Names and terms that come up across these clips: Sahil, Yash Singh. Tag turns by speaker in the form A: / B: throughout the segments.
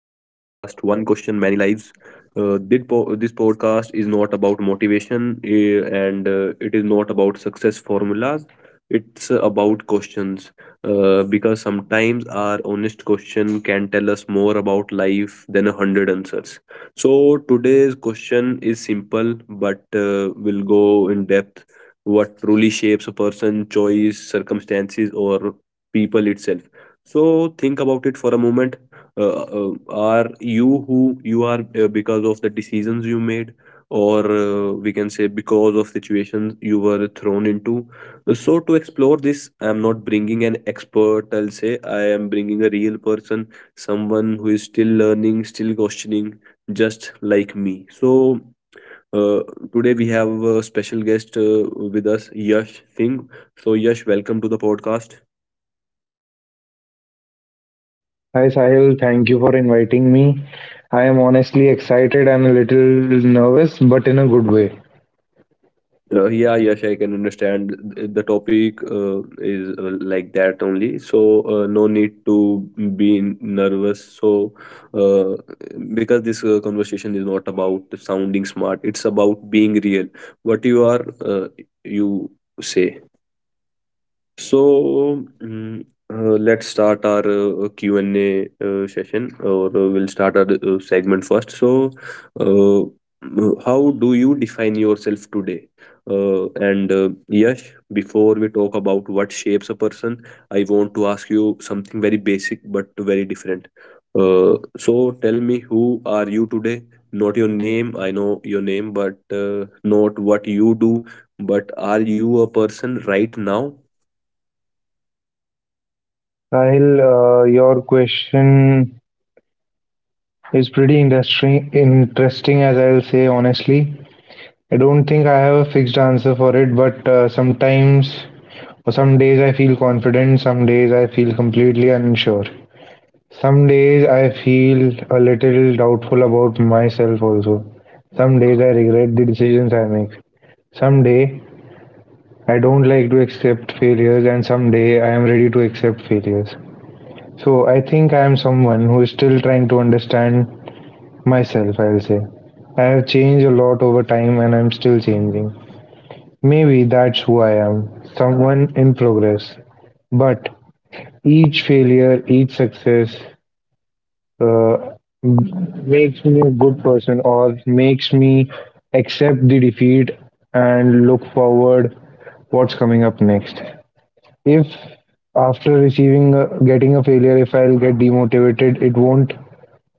A: One question, many lives. This podcast is not about motivation and it is not about success formulas. It's about questions, because sometimes our honest question can tell us more about life than a hundred answers. So today's question is simple, but will go in depth. What truly shapes a person? Choice, circumstances, or people itself? So think about it for a moment. Are you who you are because of the decisions you made, or we can say because of situations you were thrown into? So to explore this, I am not bringing an expert, I'll say I am bringing a real person, someone who is still learning, still questioning, just like me. So uh, today we have a special guest with us, Yash Singh. So Yash, welcome to the podcast.
B: Hi Sahil, thank you for inviting me. I am honestly excited and a little nervous, but in a good way.
A: Yeah, Yash, I can understand. The topic is like that only, so no need to be nervous. So, uh, because this conversation is not about sounding smart, it's about being real. What you are, you say. So, let's start our Q&A session, or we'll start our segment first. So, uh, how do you define yourself today? And Yash, before we talk about what shapes a person, I want to ask you something very basic but very different. So, tell me, who are you today? Not your name, I know your name, but not what you do, but are you a person right now?
B: Sahil, your question is pretty industry interesting, as I'll say honestly. I don't think I have a fixed answer for it, but sometimes or some days I feel confident, some days I feel completely unsure. Some days I feel a little doubtful about myself also. Some days I regret the decisions I make. Someday I don't like to accept failures, and someday I am ready to accept failures. So I think I am someone who is still trying to understand myself, I'll say. I have changed a lot over time and I'm still changing. Maybe that's who I am someone in progress. But each failure, each success uh, makes me a good person or makes me accept the defeat and look forward what's coming up next. If after receiving a, getting a failure if I'll get demotivated, it won't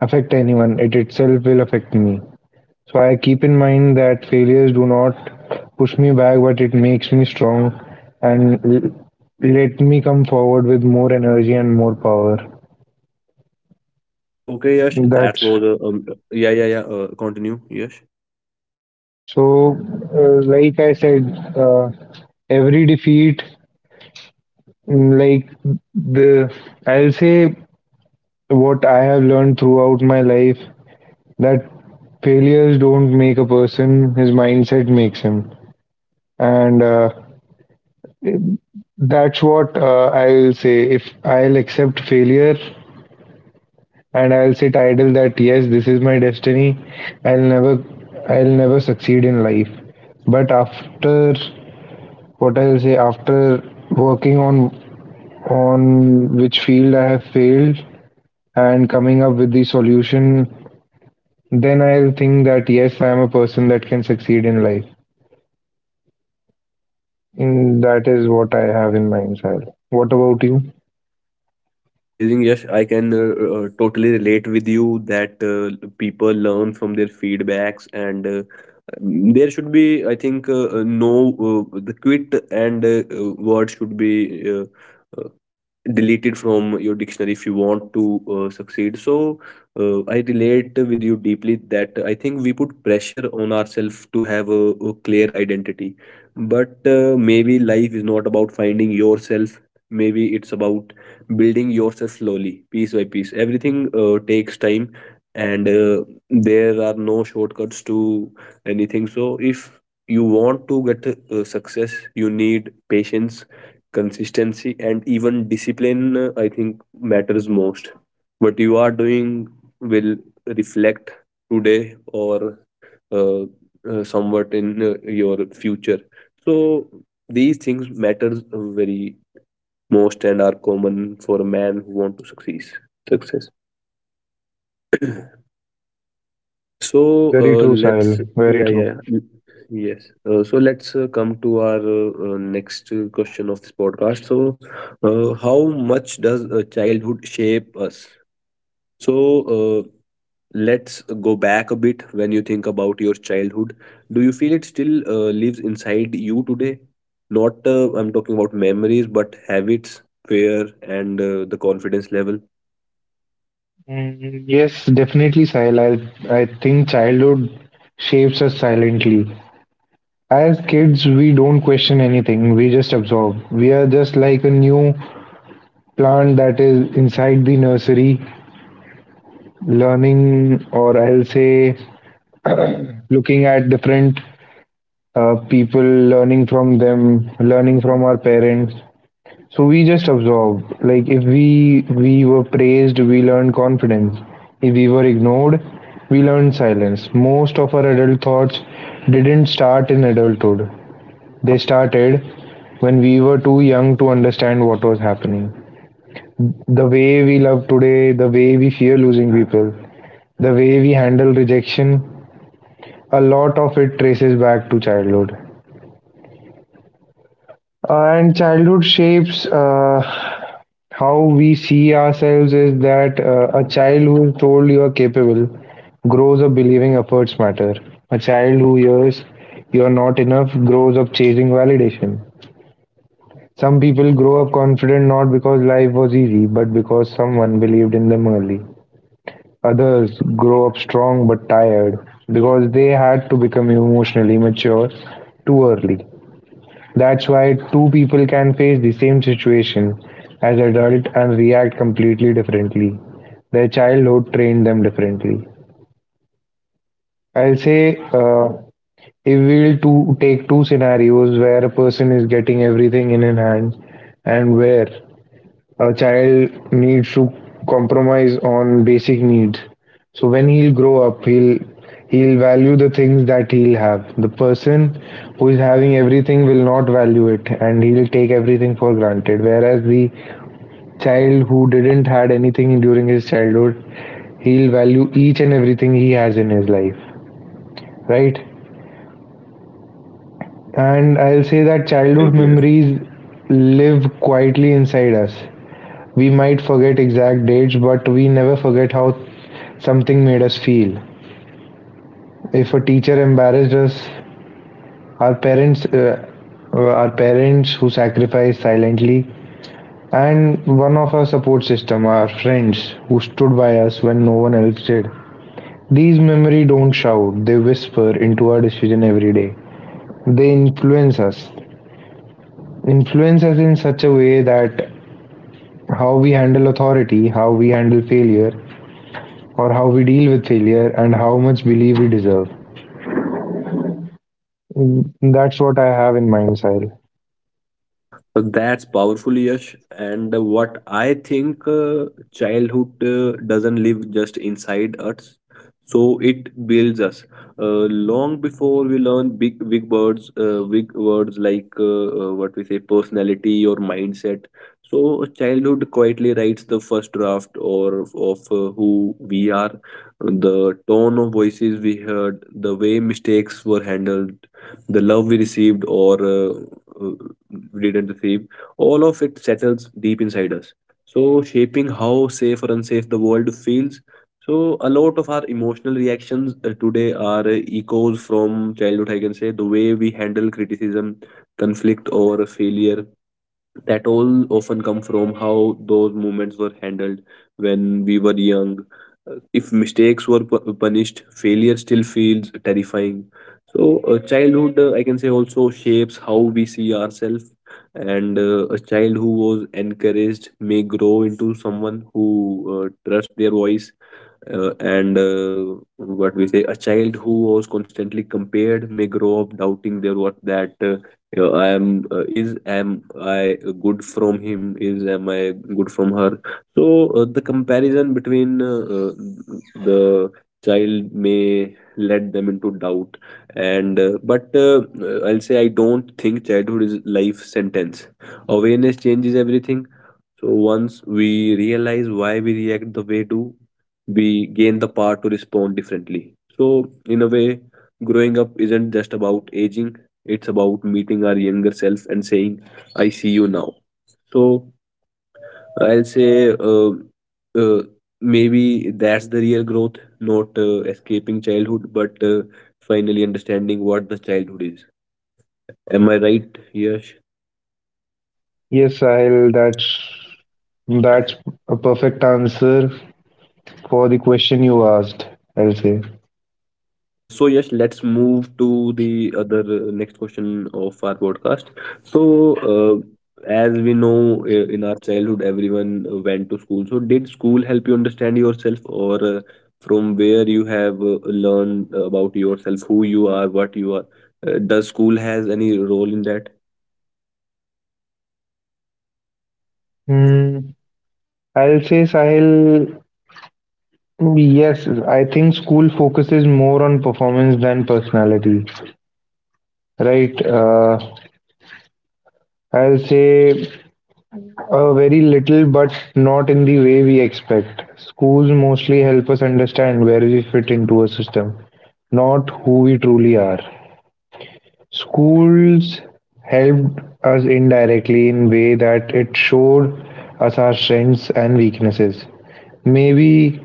B: affect anyone. It itself will affect me. So I keep in mind that failures do not push me back, but it makes me strong and let me come forward with more energy and more power.
A: Okay, Yash, that
B: That's
A: was a... yeah, yeah, yeah. Continue, Yash.
B: so. Like I said, uh, every defeat, mm, like the, I'll say what I have learned throughout my life that failures don't make a person, his mindset makes him. And that's what I'll say. If I'll accept failure and I'll sit idle that yes, this is my destiny, I'll never, I'll never succeed in life. But after what I'll say, after working on which field I have failed and coming up with the solution, then I'll think that yes, I am a person that can succeed in life. Mm, that is what I have in mind, Sahil. What about you?
A: Amazing, Yash. I can totally relate with you that people learn from their feedbacks, and there should be, I think, no the quit and word should be. Uh, Delete it from your dictionary if you want to succeed. So I relate with you deeply that I think we put pressure on ourselves to have a clear identity, but maybe life is not about finding yourself, maybe it's about building yourself slowly, piece by piece. Everything takes time, and there are no shortcuts to anything. So if you want to get success, you need patience, consistency, and even discipline. I think matters most. What you are doing will reflect today or uh, somewhat in your future. So these things matters very most and are common for a man who want to succeed success. So
B: Very true, Sahil.
A: let's,
B: Very
A: yeah, yeah,
B: true.
A: yeah. Yes. So let's come to our next question of this podcast. So how much does childhood shape us? So uh, let's go back a bit. When you think about your childhood, do you feel it still lives inside you today? Not I'm talking about memories, but habits, fear, and the confidence level.
B: Mm, yes, definitely, Sahil. I think childhood shapes us silently. As kids, we don't question anything, we just absorb. We are just like a new plant that is inside the nursery, learning, or I'll say, looking at different people, learning from them, learning from our parents. So we just absorb. Like if we were praised, we learned confidence. If we were ignored, we learned silence. Most of our adult thoughts didn't start in adulthood. They started when we were too young to understand what was happening. The way we love today, the way we fear losing people, the way we handle rejection, a lot of it traces back to childhood. And childhood shapes how we see ourselves is that a child who is told you are capable grows up believing efforts matter. A child who hears you are not enough grows up chasing validation. Some people grow up confident not because life was easy, but because someone believed in them early. Others grow up strong but tired because they had to become emotionally mature too early. That's why two people can face the same situation as adult and react completely differently. Their childhood trained them differently. I'll say if we'll to take two scenarios where a person is getting everything in his hand and where a child needs to compromise on basic needs. So when he'll grow up, he'll value the things that he'll have. The person who is having everything will not value it, and he'll take everything for granted. Whereas the child who didn't had anything during his childhood, he'll value each and everything he has in his life, right? And I'll say that
A: Absolutely
B: childhood
A: right. Yes.
B: memories live quietly inside us. We might forget exact dates, but we never forget how something made us feel. If a teacher embarrassed us, our parents, uh, our parents who sacrificed silently, and one of our support system, our friends who stood by us when no one else did. These memories don't shout; they whisper into our decision every day. They influence us, influence us in such a way that how we handle authority, how we handle failure, or how we deal with failure and how much belief we deserve. Mm, that's what I have in mind, Sahil.
A: So, that's powerful, Yash. And what I think, childhood doesn't live just inside us, so it builds us. Uh, Long before we learn big, big words like what we say, personality or mindset. So childhood quietly writes the first draft or of who we are, the tone of voices we heard, the way mistakes were handled, the love we received, or uh, we didn't receive, all of it settles deep inside us. So, shaping how safe or unsafe the world feels. So, a lot of our emotional reactions today are echoes from childhood, I can say. The way we handle criticism, conflict, or failure, that all often come from how those moments were handled when we were young. If mistakes were punished, failure still feels terrifying. So, childhood, I can say, also shapes how we see ourselves. And a child who was encouraged may grow into someone who trusts their voice, and what we say, a child who was constantly compared may grow up doubting their worth. That you know, I am is am I good from him? Is am I good from her? So the comparison between the child may let them into doubt. And uh, but uh, I'll say I don't think childhood is life sentence. Awareness changes everything. So once we realize why we react the way do, we gain the power to respond differently. So in a way, growing up isn't just about aging; it's about meeting our younger self and saying, "I see you now." So I'll say, uh, uh, maybe that's the real growth, not escaping childhood, but finally understanding what the childhood is. Am I right, Yash?
B: Yes, Sahil, that's a perfect answer for the question you asked, I'll say.
A: So yes, let's move to the other next question of our podcast. So, uh, as we know, in our childhood, everyone went to school. So, did school help you understand yourself, or from where you have learned about yourself, who you are, what you are? Does school has any role in that?
B: Hmm, I'll say, Sahil, yes, I think school focuses more on performance than personality, right? I'll say Very little, but not in the way we expect. Schools mostly help us understand where we fit into a system, not who we truly are. Schools helped us indirectly in way that it showed us our strengths and weaknesses. Maybe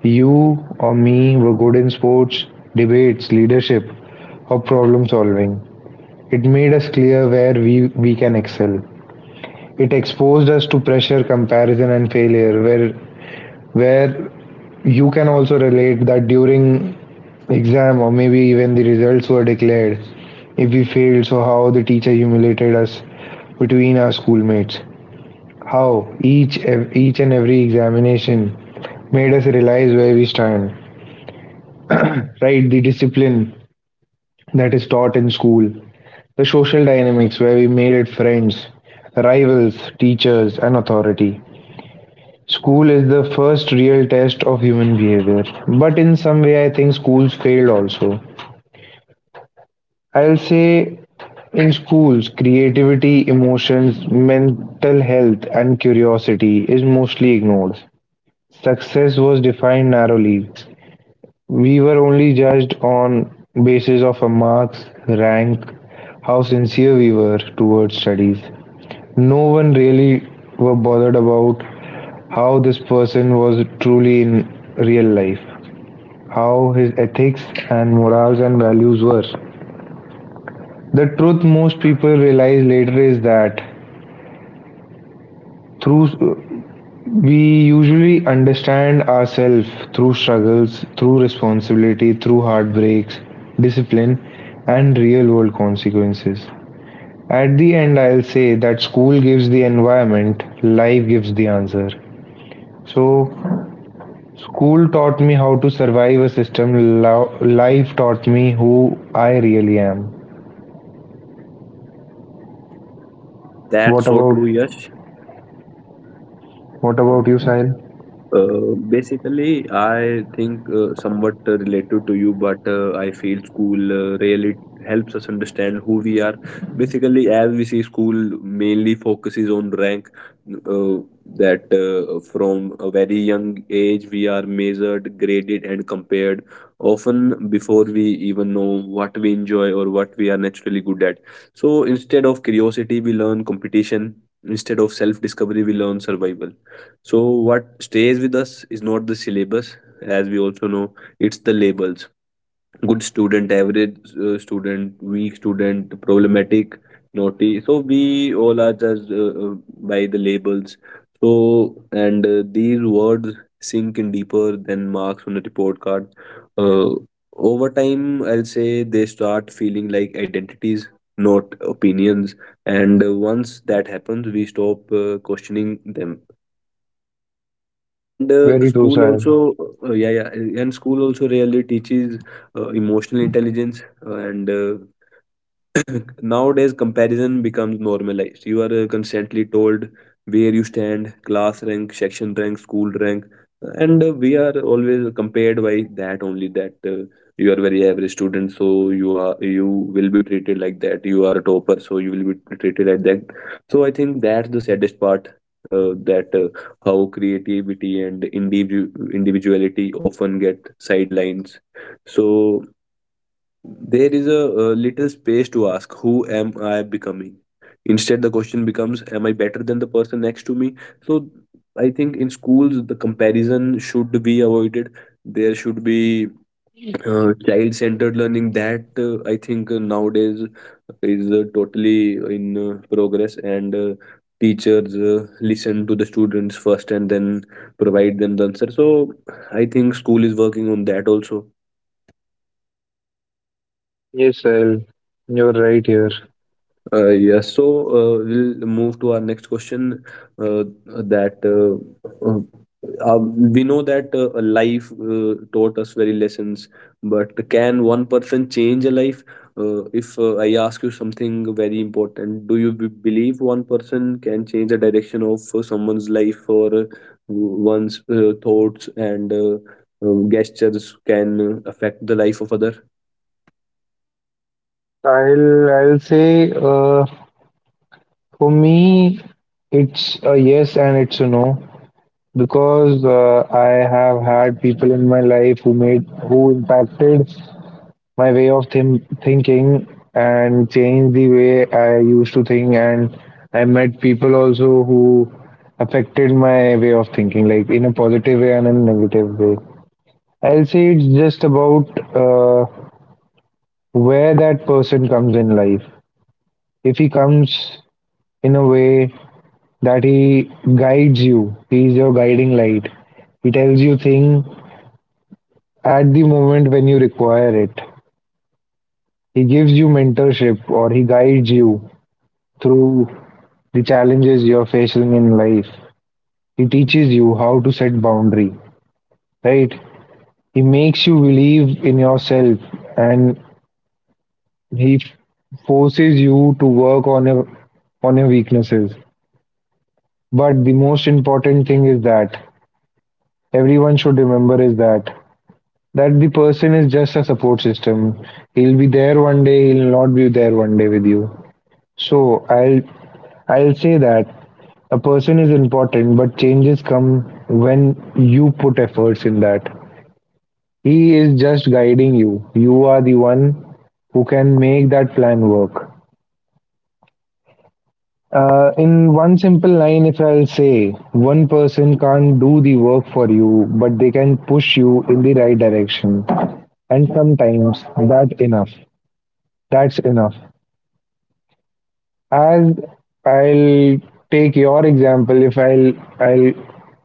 B: you or me were good in sports, debates, leadership, or problem solving. It made us clear where we can excel. It exposed us to pressure, comparison, and failure, where you can also relate that during exam or maybe even the results were declared. If we failed, so how the teacher humiliated us between our schoolmates. How each each and every examination made us realize where we stand. Right, the discipline that is taught in school, the social dynamics where we made it friends, rivals, teachers, and authority. School is the first real test of human behavior. But in some way, I think schools failed also. I'll say in schools, creativity, emotions, mental health, and curiosity is mostly ignored. Success was defined narrowly. We were only judged on basis of our marks, rank, how sincere we were towards studies. No one really were bothered about how this person was truly in real life. How his ethics and morals and values were. The truth most people realize later is that through we usually understand ourselves through struggles, through responsibility, through heartbreaks, discipline, and real world consequences. At the end, I'll say that school gives the environment, life gives the answer. So, school taught me how to survive a system, life taught me who I really am. What
A: That's so
B: about
A: true, Yash.
B: What about you, Sahil?
A: Basically, I think, somewhat related to you, but I feel school really helps us understand who we are. Basically, as we see, school mainly focuses on rank. Uh, that from a very young age, we are measured, graded, and compared. Often before we even know what we enjoy or what we are naturally good at. So instead of curiosity, we learn competition. Instead of self discovery, we learn survival. So, what stays with us is not the syllabus, as we also know, it's the labels: good student, average student, weak student, problematic, naughty. So, we all are judged by the labels. So, and these words sink in deeper than marks on a report card. Uh, Over time, I'll say they start feeling like identities, not opinions. And once that happens, we stop questioning them, and
B: Very true,
A: school
B: Sahil.
A: also, yeah, yeah, and school also really teaches emotional intelligence and nowadays comparison becomes normalized. You are constantly told where you stand: class rank, section rank, school rank, and we are always compared by that only. That you are very average student, so you are, you will be treated like that. You are a topper, so you will be treated like that. So I think that's the saddest part. That how creativity and individuality often get sidelines. So there is a, uh, little space to ask, who am I becoming? Instead, the question becomes, am I better than the person next to me? So, I think in schools, the comparison should be avoided. There should be child centered learning that I think nowadays is totally in progress, and teachers listen to the students first and then provide them the answer. So, I think school is working on that also.
B: Yes, Sahil, you're right here.
A: Yes, so we'll move to our next question. Uh, that uh, we know that a life taught us very lessons, but can one person change a life? If I ask you something very important, do you believe one person can change the direction of someone's life, or one's thoughts and gestures can affect the life of other?
B: I'll say for me it's a yes and it's a no because I have had people in my life who impacted my way of thinking and changed the way I used to think and I met people also who affected my way of thinking like in a positive way and in a negative way I'll say it's just about uh, where that person comes in life. If he comes in a way that he guides you, he is your guiding light. He tells you things at the moment when you require it. He gives you mentorship or he guides you through the challenges you're facing in life. He teaches you how to set boundary, right? He makes you believe in yourself and he forces you to work on your weaknesses. But the most important thing is that everyone should remember is that that the person is just a support system. He'll be there one day, he'll not be there one day with you. So I'll say that a person is important, but changes come when you put efforts in that. He is just guiding you. You are the one who can make that plan work. In one simple line, if I'll say, one person can't do the work for you, but they can push you in the right direction. And sometimes that enough. That's enough. As I'll take your example, if I'll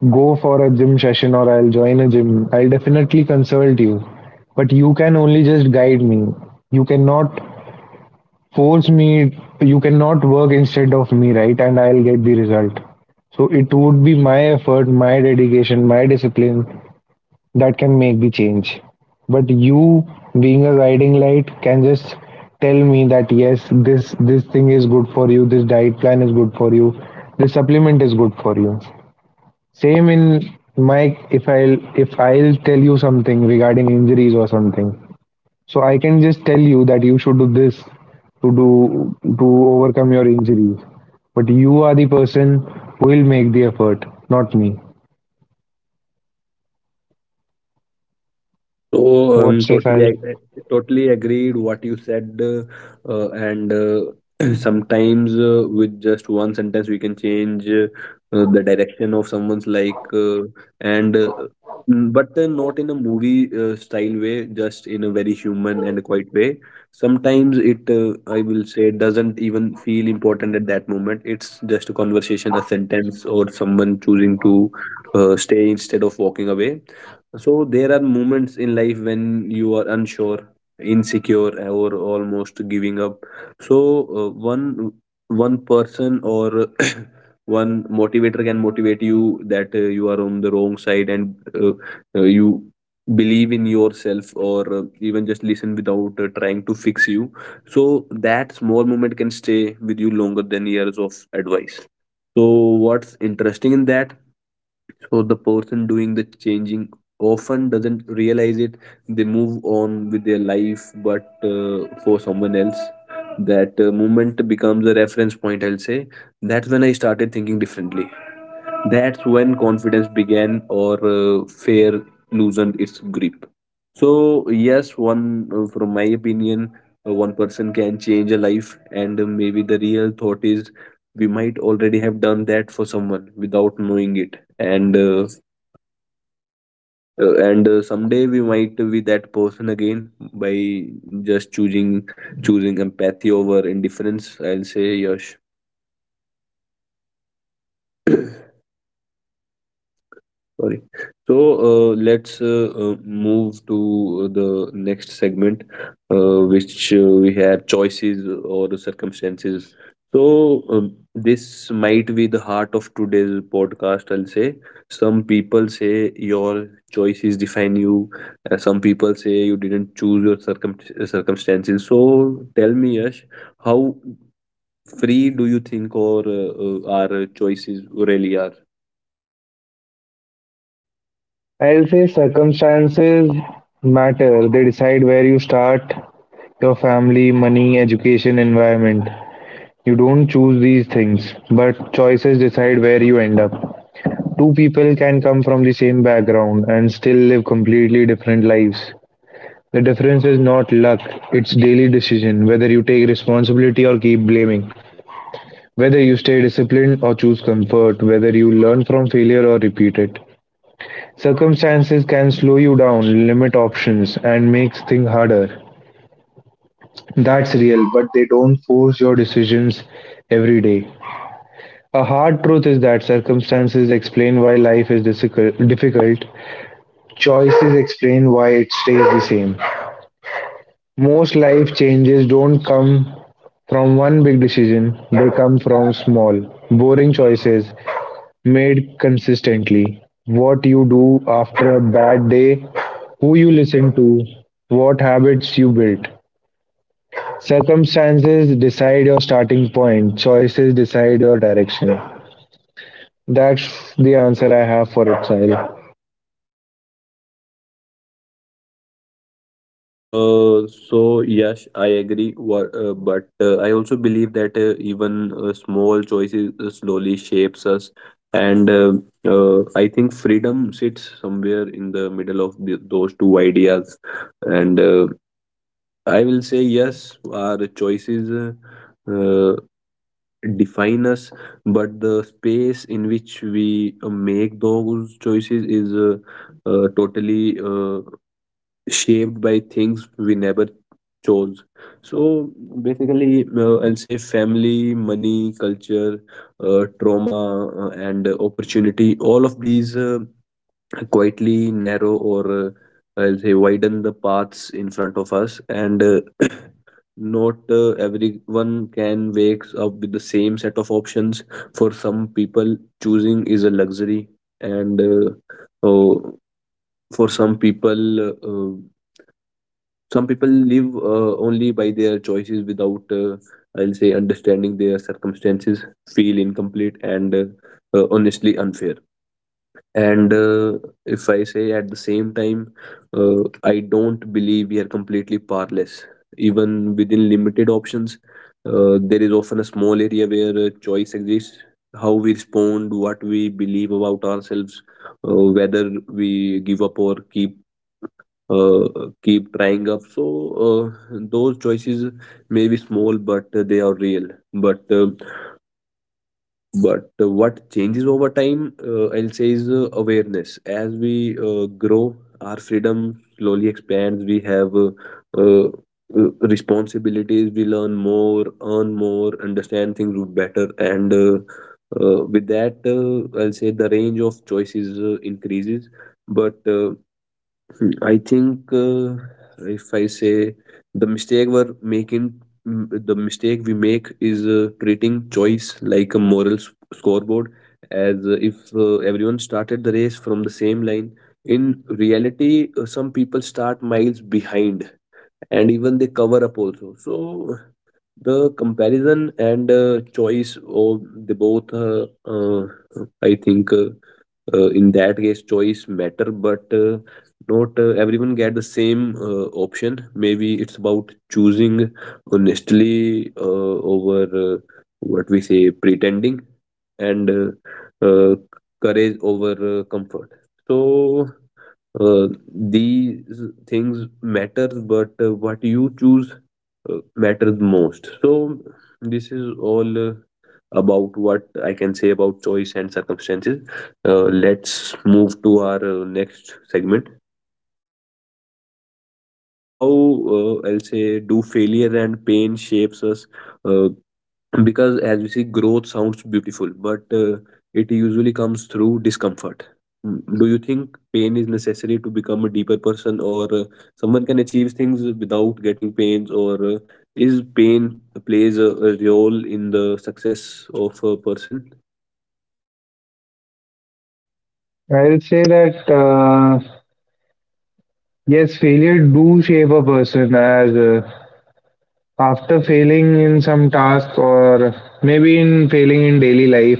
B: go for a gym session or I'll join a gym, I'll definitely consult you. But you can only just guide me. You cannot force me you cannot work instead of me right and I'll get the result so it would be my effort my dedication my discipline that can make the change but you being a guiding light can just tell me that yes this thing is good for you this diet plan is good for you this supplement is good for you same in my if i'll if I'll tell you something regarding injuries or something so I can just tell you that you should do this to overcome your injuries. But you are the person who will make the effort, not me.
A: Uh, so
B: What
A: um,
B: say
A: totally
B: Sahil?
A: ag- Totally agreed what you said, and sometimes with just one sentence we can change the direction of someone's like, and uh, but not in a movie style way, just in a very human and quiet way. Sometimes it, I will say, doesn't even feel important at that moment. It's just a conversation, a sentence, or someone choosing to stay instead of walking away. So there are moments in life when you are unsure, insecure, or almost giving up. So uh, one one person or one motivator can motivate you that you are on the wrong side and you believe in yourself, or even just listen without trying to fix you. So that small moment can stay with you longer than years of advice. So what's interesting in that, so the person doing the changing often doesn't realize it. They move on with their life, but for someone else that moment becomes a reference point, I'll say. That's when I started thinking differently, that's when confidence began or fear loosened its grip. So yes, one from my opinion, one person can change a life, and maybe the real thought is we might already have done that for someone without knowing it, and someday we might be that person again by just choosing choosing empathy over indifference, I'll say, Yash. Sorry. So let's move to the next segment, which we have choices or circumstances. This might be the heart of today's podcast, I'll say. Some people say your choices define you, and some people say you didn't choose your circumstances. So tell me, Yash, how free do you think, or our choices really are?
B: I'll say circumstances matter. They decide where you start, your family, money, education, environment. You don't choose these things, but choices decide where you end up. Two people can come from the same background and still live completely different lives. The difference is not luck, it's daily decision, whether you take responsibility or keep blaming, whether you stay disciplined or choose comfort, whether you learn from failure or repeat it. Circumstances can slow you down, limit options, and make things harder. That's real, but they don't force your decisions every day. A hard truth is that circumstances explain why life is difficult. Choices explain why it stays the same. Most life changes don't come from one big decision, they come from small, boring choices made consistently. What you do after a bad day, who you listen to, what habits you build. Circumstances decide your starting point, choices decide your direction. That's the answer I have for it, Sahil.
A: So yes, I agree. But I also believe that even small choices slowly shapes us, and I think freedom sits somewhere in the middle of those two ideas. And I will say yes, our choices define us, but the space in which we make those choices is totally shaped by things we never chose. So basically, I'll say family, money, culture, trauma, and opportunity. All of these quietly narrow or I'll say widen the paths in front of us. And not everyone can wake up with the same set of options. For some people, choosing is a luxury, and oh, for some people. Uh, some people live only by their choices without I'll say understanding their circumstances feel incomplete and honestly unfair, and if I say at the same time, uh, I don't believe we are completely powerless, even within limited options. There is often a small area where choice exists: how we respond, what we believe about ourselves, whether we give up or uh, keep trying up. So those choices may be small, but they are real. But uh, but what changes over time, I'll say, is awareness. As we grow, our freedom slowly expands. We have uh, responsibilities. We learn more, earn more, understand things better, and with that, I'll say the range of choices increases. But uh, I think if I say the mistake we make is treating choice like a moral scoreboard, as if everyone started the race from the same line. In reality, some people start miles behind, and even they cover up also. So the comparison and choice, oh, they both, I think, in that case choice matter, but not everyone get the same option. Maybe it's about choosing honestly over what we say pretending, and courage over comfort. So uh, these things matters, but what you choose matters most. So this is all about what I can say about choice and circumstances. Let's move to our next segment. So how I'll say do failure and pain shapes us, uh, because as we see, growth sounds beautiful, but it usually comes through discomfort. Mm, do you think pain is necessary to become a deeper person, or someone can achieve things without getting pains, or is pain plays a role in the success of a person?
B: I'll say that yes, failure do shape a person as after failing in some task or maybe in failing in daily life,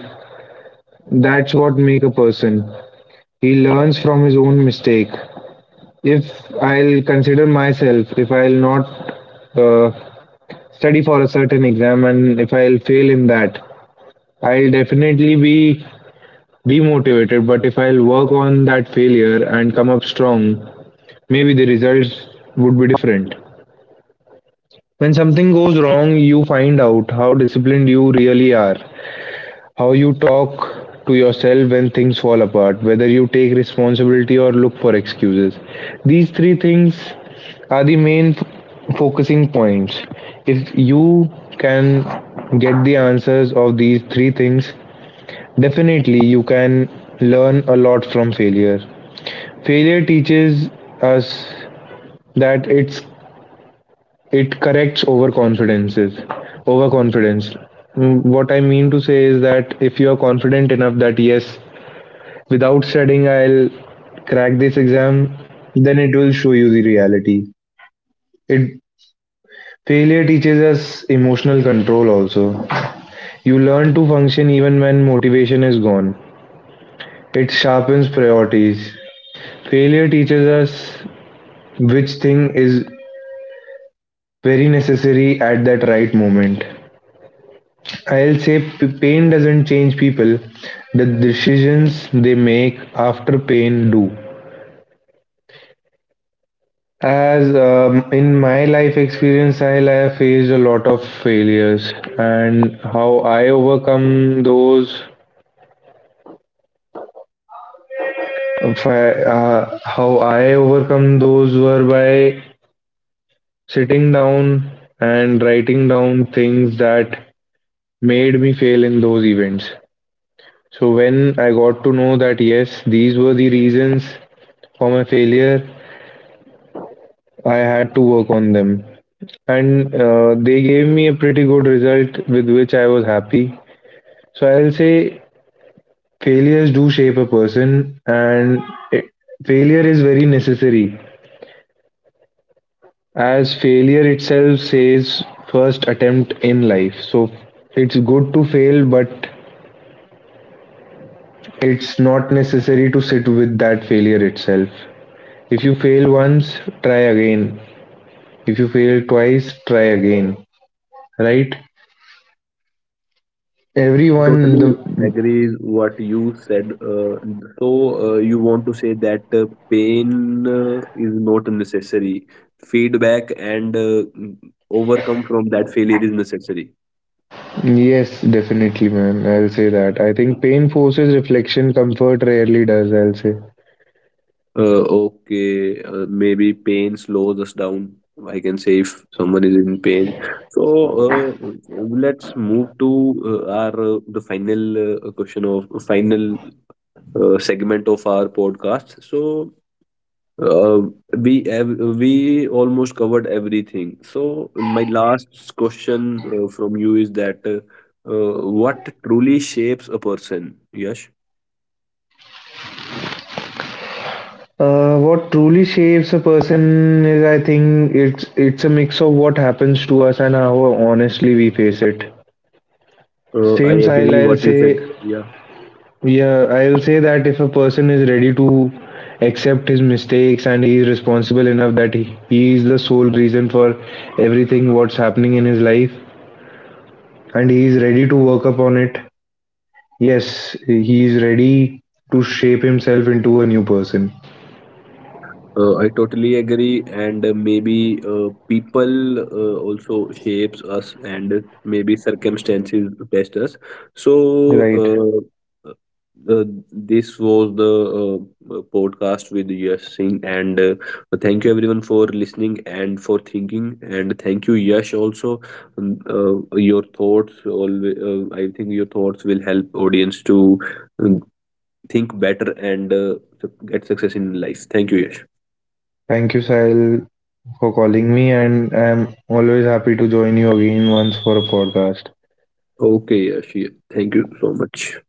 B: that's what make a person. He learns from his own mistake. If I'll consider myself, if I'll not uh, study for a certain exam and if I'll fail in that, I'll definitely be demotivated. But if I'll work on that failure and come up strong, maybe the results would be different. When something goes wrong, you find out how disciplined you really are. How you talk to yourself when things fall apart, whether you take responsibility or look for excuses. These three things are the main focusing points. If you can get the answers of these three things, definitely you can learn a lot from failure. Failure teaches us that it corrects overconfidence. Mm, what I mean to say is that if you are confident enough that yes without studying I'll crack this exam, then it will show you the reality. It Failure teaches us emotional control also. You learn to function even when motivation is gone. It sharpens priorities. Failure teaches us which thing is very necessary at that right moment. I'll say pain doesn't change people. The decisions they make after pain do. As in my life experience, I have faced a lot of failures, and how I overcome those, if I- how I overcome those were by sitting down and writing down things that made me fail in those events. So when I got to know that yes, these were the reasons for my failure, I had to work on them, and they gave me a pretty good result with which I was happy. So I'll say failures do shape a person, and it- failure is very necessary, as failure itself says first attempt in life. So it's good to fail, but it's not necessary to sit with that failure itself. If you fail once, try again. If you fail twice, try again. Right?
A: I
B: Everyone, the
A: totally agree what you said. So you want to say that pain is not necessary. Feedback and overcome from that failure is necessary.
B: yes, definitely, man. I'll say that. I think pain forces reflection, comfort rarely does. I'll say.
A: Okay, maybe pain slows us down. I can say if someone is in pain. So let's move to our the final question of final segment of our podcast. Uh, we we almost covered everything. So my last question from you is that what truly shapes a person? Yes,
B: What truly shapes a person is, I think, it's a mix of what happens to us and how honestly we face it.
A: I
B: Same style,
A: agree
B: I'll
A: what
B: say,
A: you said. Yeah.
B: yeah, I'll say that if a person is ready to accept his mistakes and he is responsible enough that he is the sole reason for everything what's happening in his life and he is ready to work upon it, yes, he is ready to shape himself into a new person.
A: I totally agree, and maybe people also shapes us, and maybe circumstances test us. So
B: Right.
A: uh, this was the podcast with Yash Singh, and thank you everyone for listening and for thinking, and thank you Yash also. Um, Uh, your thoughts, always, I think your thoughts will help audience to um, think better and get success in life. Thank you, Yash.
B: Thank you, Sahil, for calling me, and I'm always happy to join you again once for a podcast.
A: Okay, Ashi, thank you so much.